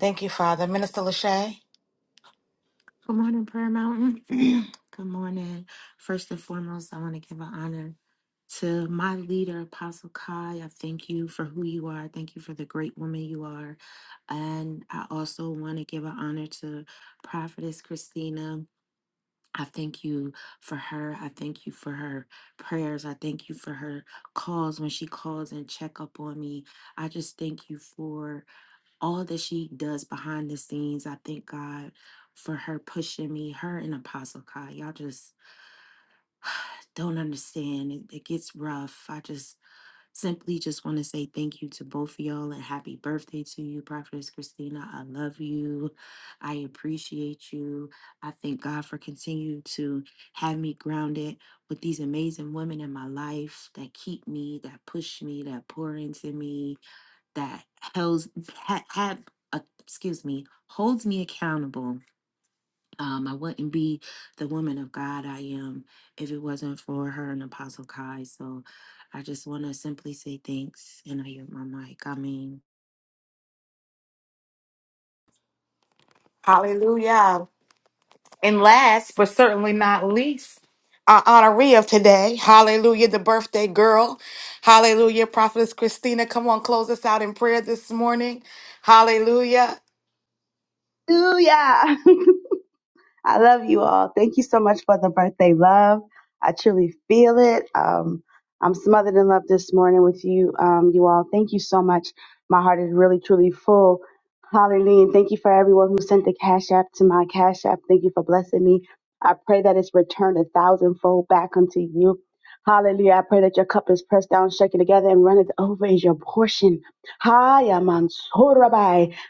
Speaker 1: Thank you, Father. Minister Lachey.
Speaker 3: morning, Prayer Mountain. Good morning. First and foremost, I want to give an honor to my leader, Apostle Kai. I thank you for who you are. I Thank you for the great woman you are. And I also want to give an honor to Prophetess Christina. I thank you for her. I thank you for her prayers. I thank you for her calls when she calls and check up on me. I just thank you for all that she does behind the scenes. I thank God for her pushing me, her and Apostle Kai. Y'all just don't understand. It, it gets rough. I just Simply just want to say thank you to both of y'all and happy birthday to you, Prophetess Christina. I love you. I appreciate you. I thank God for continuing to have me grounded with these amazing women in my life that keep me, that push me, that pour into me, that holds, ha- have, uh, excuse me, holds me accountable um, I wouldn't be the woman of God I am if it wasn't for her and Apostle Kai. So I just want to simply say thanks. And I yield my mic. I mean,
Speaker 1: Hallelujah. And last but certainly not least, our honoree of today, hallelujah, the birthday girl, hallelujah, prophetess Christina, come on, close us out in prayer this morning, hallelujah,
Speaker 9: Hallelujah. I love you all. Thank you so much for the birthday love. I truly feel it. Um, I'm smothered in love this morning with you, um, you all. Thank you so much. My heart is really, truly full. Hallelujah. And Thank you for everyone who sent the Cash App to my Cash App. Thank you for blessing me. I pray that it's returned a thousandfold back unto you. Hallelujah. I pray that your cup is pressed down, shaken together, and runneth over is your portion. Hi,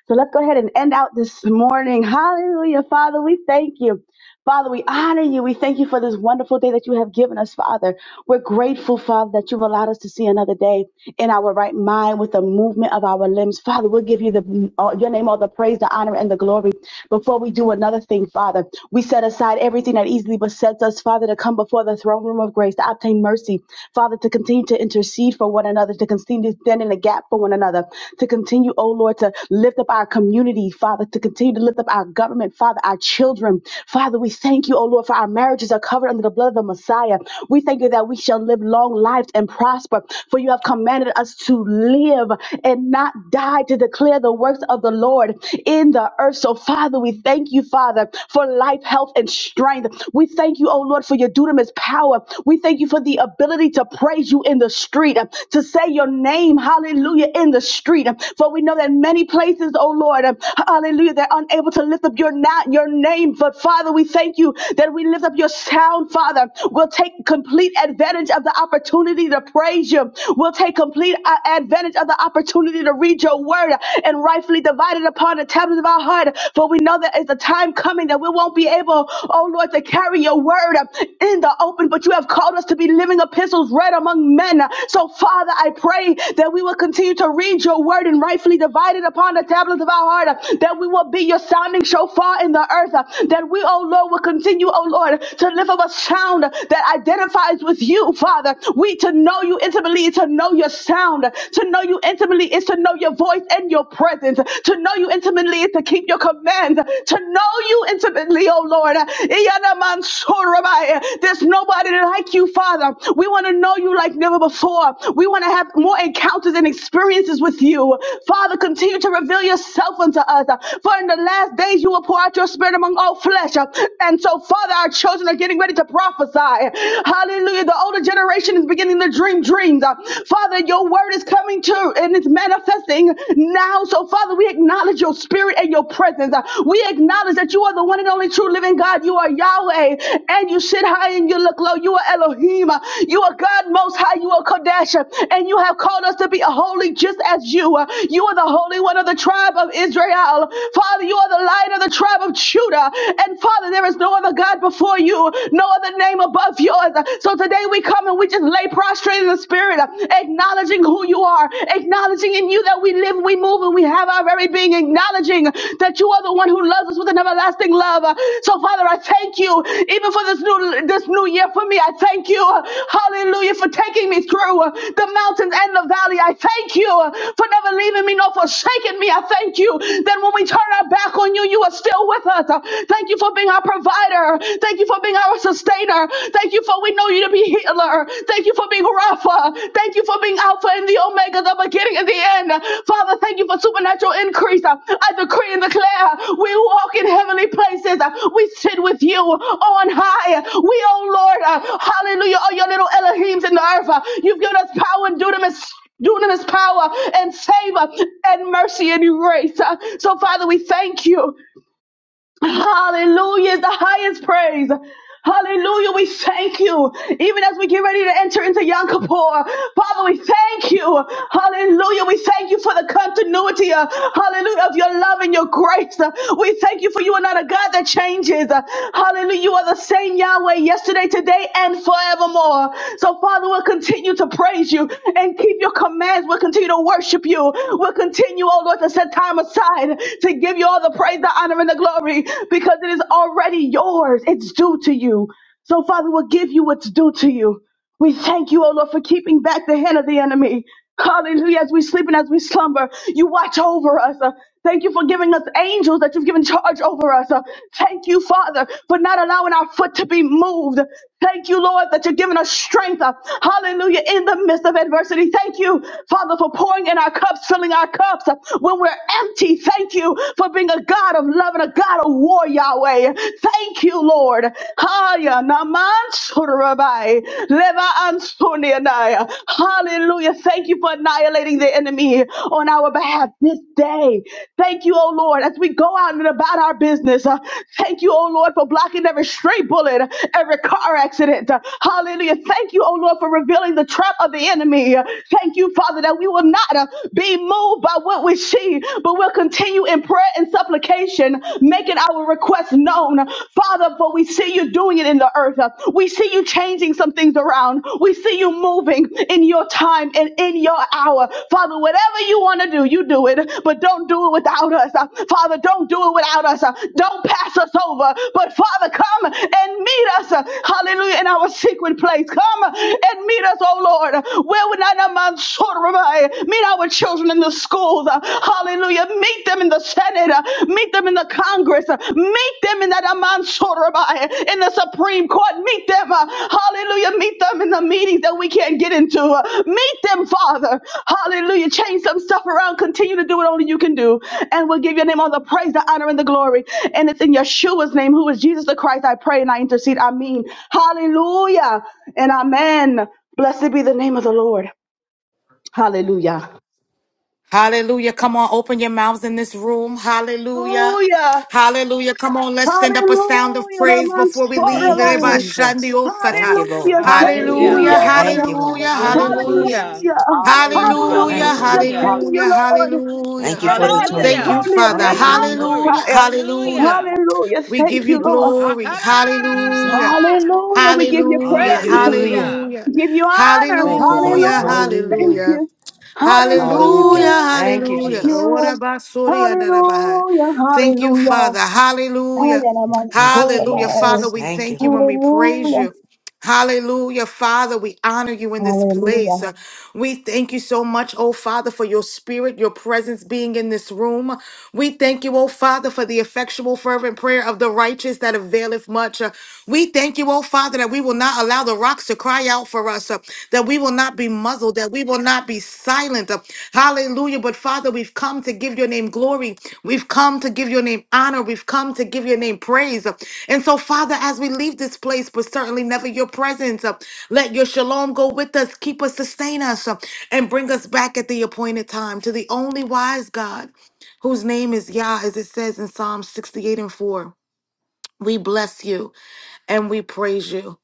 Speaker 9: so let's go ahead and end out this morning. Hallelujah. Father, we thank you. Father, we honor you. We thank you for this wonderful day that you have given us, Father. We're grateful, Father, that you've allowed us to see another day in our right mind with the movement of our limbs. Father, we'll give you the uh, your name all the praise, the honor, and the glory. Before we do another thing, Father, we set aside everything that easily besets us, Father, to come before the throne room of grace to obtain mercy, Father, to continue to intercede for one another, to continue continue to stand in the gap for one another, to continue, oh Lord, to lift up our community, Father, to continue to lift up our government, Father, our children. Father, we thank you, oh Lord, for our marriages are covered under the blood of the Messiah. We thank you that we shall live long lives and prosper, for you have commanded us to live and not die to declare the works of the Lord in the earth. So, Father, we thank you, Father, for life, health, and strength. We thank you, oh Lord, for your dunamis power. We thank you thank you for the ability to praise you in the street, uh, to say your name, hallelujah, in the street. Uh, For we know that many places, oh Lord, uh, hallelujah, they're unable to lift up your, na- your name. But Father, we thank you that we lift up your sound, Father. We'll take complete advantage of the opportunity to praise you. We'll take complete uh, advantage of the opportunity to read your word uh, and rightfully divide it upon the tablets of our heart. For we know that it's a time coming that we won't be able, oh Lord, to carry your word uh, in the open, but you have called us to be living epistles read among men. So, Father, I pray that we will continue to read your word and rightfully divide it upon the tablets of our heart, uh, that we will be your sounding shofar in the earth, uh, that we, oh Lord, will continue, oh Lord, to lift up a sound that identifies with you, Father. We to know you intimately is to know your sound. To know you intimately is to know your voice and your presence. To know you intimately seek to keep your command, to know you intimately, oh Lord. Iyanamansoromai. There's nobody like you, Father. We want to know you like never before. We want to have more encounters and experiences with you. Father, continue to reveal yourself unto us. For in the last days you will pour out your spirit among all flesh. And so, Father, our children are getting ready to prophesy. Hallelujah. The older generation is beginning to dream dreams. Father, your word is coming true and it's manifesting now. So, Father, we acknowledge your spirit and your presence. Uh, We acknowledge that you are the one and only true living God. You are Yahweh, and you sit high and you look low. You are Elohim. Uh, You are God Most High. You are Kodesh, uh, and you have called us to be a holy just as you. Uh, You are the Holy One of the tribe of Israel. Father, you are the Light of the tribe of Judah. And Father, there is no other God before you, no other name above yours. So today we come and we just lay lay prostrate in the spirit, uh, acknowledging who you are, acknowledging in you that we live, we move, and we have our very being, acknowledging that you are the one who loves us with an everlasting love. Uh, So, Father, I thank you even for this new this new year for me. I thank you, uh, Hallelujah, for taking me through uh, the mountains and the valley. I thank you uh, for never leaving me nor forsaking me. I thank you that when we turn our back on you, you are still with us. Uh, Thank you for being our provider. Thank you for for being our sustainer. Thank you for we know you to be healer. Thank you for being Rapha. Thank you for being Alpha and the Omega, the beginning and the end. Father, thank you for supernatural increase. I decree and declare we walk in heavenly places. We sit with you on high. We, oh Lord, uh, hallelujah, all your little Elohims in the earth. uh, You've given us power and dunamis dunamis power and favor and mercy and grace. Uh, So, Father, we thank you. Hallelujah is the highest praise. Hallelujah. We thank you. Even as we get ready to enter into Yom Kippur, Father, we thank you. Hallelujah. We thank you for the continuity, uh, hallelujah, of your love and your grace. Uh, we thank you for you are not a God that changes. Uh, hallelujah. You are the same Yahweh yesterday, today, and forevermore. So, Father, we'll continue to praise you and keep your commands. We'll continue to worship you. We'll continue, oh Lord, to set time aside to give you all the all the praise, the honor, and the glory because it is already yours. It's due to you. So, Father, we'll give you what's due to you. We thank you, O Lord, for keeping back the hand of the enemy. Hallelujah. As we sleep and as we slumber, you watch over us. Uh, thank you for giving us angels that you've given charge over us. Uh, thank you, Father, for not allowing our foot to be moved. Thank you, Lord, that you're giving us strength. uh, Hallelujah. In the midst of adversity. Thank you, Father, for pouring in our cups, filling our cups uh, when we're empty. Thank you for being a God of love and a God of war, Yahweh. Thank you, Lord. Haya naman surabai, leva ansunianai. Hallelujah. Thank you for annihilating the enemy on our behalf this day. Thank you, oh Lord, as we go out and about our business. uh, thank you, oh Lord, for blocking every stray bullet, uh, every car accident. uh, hallelujah. Thank you, oh Lord, for revealing the trap of the enemy. uh, thank you, Father, that we will not uh, be moved by what we see, but we'll continue in prayer and supplication, making our requests known. Father, for we see you doing it in the earth. uh, we see you changing some things around. We see you moving in your time and in your hour. Father, whatever you want to do, you do it, but don't do it without us. Uh, Father, don't do it without us. Uh, Don't pass us over, but Father, come and meet us. uh, Hallelujah. In our secret place. Come and meet us, oh Lord. Where would not a man sort of arrive? Meet our children in the schools. uh, Hallelujah. Meet them in the Senate. uh, Meet them in the Congress. Uh, Meet them in that Amansorabai, in the Supreme Court. Meet them. uh, Hallelujah. Meet them in the meetings that we can't get into. Uh, Meet them, Father. Hallelujah. Change some stuff around. Continue to do what only you can do. And we'll give your name all the praise, the honor, and the glory. And it's in Yeshua's name, who is Jesus the Christ. I pray and I intercede. I mean, hallelujah and amen. Blessed be the name of the Lord. Hallelujah.
Speaker 1: hallelujah, come on, open your mouths in this room, hallelujah.
Speaker 9: Hallelujah.
Speaker 1: Hallelujah. Come on, let's send up a sound of praise before we leave. Everybody,
Speaker 9: Hallelujah.
Speaker 1: Shandi Osata.
Speaker 9: Hallelujah. Thank you,
Speaker 5: Hallelujah.
Speaker 1: Hallelujah,
Speaker 7: Hallelujah.
Speaker 9: Lord.
Speaker 1: hallelujah, hallelujah.
Speaker 5: Hallelujah.
Speaker 9: Hallelujah.
Speaker 7: Hallelujah.
Speaker 1: Hallelujah,
Speaker 9: Hallelujah.
Speaker 5: Hallelujah.
Speaker 9: Thank you,
Speaker 1: hallelujah,
Speaker 7: Hallelujah.
Speaker 9: Lord.
Speaker 1: hallelujah.
Speaker 9: Rebels,
Speaker 1: Thank you,
Speaker 5: Hallelujah.
Speaker 9: Tony,
Speaker 1: Father.
Speaker 9: and
Speaker 5: Hey, glory.
Speaker 1: Hallelujah.
Speaker 9: Rebats,
Speaker 1: Hallelujah.
Speaker 5: Hallelujah.
Speaker 9: Hallelujah.
Speaker 1: We give
Speaker 9: Thank
Speaker 1: you
Speaker 9: you, Lord.
Speaker 5: ha ka
Speaker 1: glory.
Speaker 5: da da da da da
Speaker 1: Hallelujah.
Speaker 9: Hallelujah. We give you
Speaker 1: Hallelujah.
Speaker 9: praise.
Speaker 5: Hallelujah.
Speaker 1: Hallelujah.
Speaker 9: We give you honor.
Speaker 7: Thank you, God.
Speaker 1: Hallelujah.
Speaker 9: Hallelujah. Thank
Speaker 7: Hallelujah.
Speaker 1: Hallelujah.
Speaker 9: you.
Speaker 1: Hallelujah,
Speaker 7: Hallelujah.
Speaker 9: Hallelujah. Thank
Speaker 1: hallelujah. Ora
Speaker 9: you.
Speaker 1: basuri andarabahai.
Speaker 9: Hallelujah.
Speaker 1: Thank you,
Speaker 9: Hallelujah.
Speaker 1: Father.
Speaker 9: Ay,
Speaker 1: Hallelujah. Hallelujah.
Speaker 9: alabanzora,
Speaker 1: Father, we thank you and we praise
Speaker 9: Hallelujah.
Speaker 1: you. Hallelujah, Father. We honor you in this
Speaker 9: Hallelujah.
Speaker 1: place. Uh, We thank you so much, oh Father, for your spirit, your presence being in this room. We thank you, oh Father, for the effectual, fervent prayer of the righteous that availeth much. Uh, We thank you, oh Father, that we will not allow the rocks to cry out for us, uh, that we will not be muzzled, that we will not be silent. Hallelujah. But Father, we've come to give your name glory. We've come to give your name honor. We've come to give your name praise. And so, Father, as we leave this place, but certainly never your presence, uh, let your shalom go with us, keep us, sustain us, uh, and bring us back at the appointed time to the only wise God whose name is Yah, as it says in Psalm 68 and 4. We bless you and we praise you.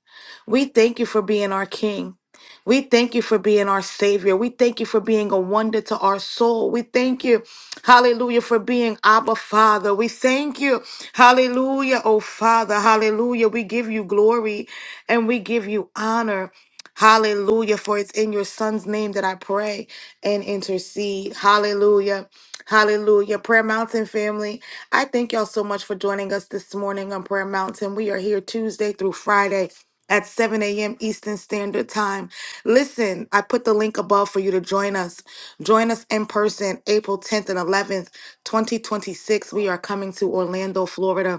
Speaker 1: We thank you for being our King. We thank you for being our Savior. We thank you for being a wonder to our soul. We thank you, hallelujah, for being Abba Father. We thank you, hallelujah, oh Father, hallelujah. We give you glory and we give you honor. Hallelujah, for it's in your son's name that I pray and intercede. Hallelujah. Hallelujah. Prayer Mountain family, I thank y'all so much for joining us this morning on Prayer Mountain. We are here Tuesday through Friday at 7 a.m. Eastern Standard Time. Listen, I put the link above for you to join us. Join us in person April 10th and 11th, 2026. We are coming to Orlando, Florida.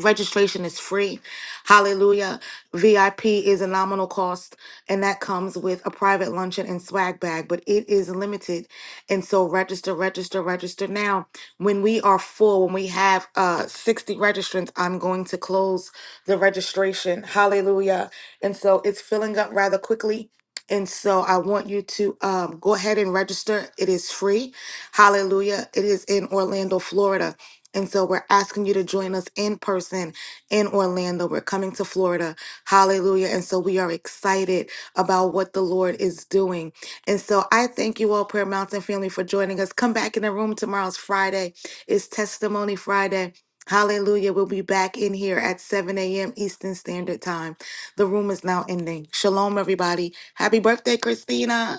Speaker 1: Registration is free. Hallelujah. VIP is a nominal cost, and that comes with a private luncheon and swag bag, but it is limited. And so register, register, register now. When we are full, when we have uh 60 registrants, I'm going to close the registration. Hallelujah. And so it's filling up rather quickly. And so I want you to um, go ahead and register. It is free. Hallelujah. It is in Orlando, Florida. And so we're asking you to join us in person in Orlando. We're coming to Florida. Hallelujah. And so we are excited about what the Lord is doing. And so I thank you all, Prayer Mountain family, for joining us. Come back in the room. Tomorrow's Friday. It's Testimony Friday. Hallelujah. We'll be back in here at 7 a.m. Eastern Standard Time. The room is now ending. Shalom, everybody. Happy birthday, Christina.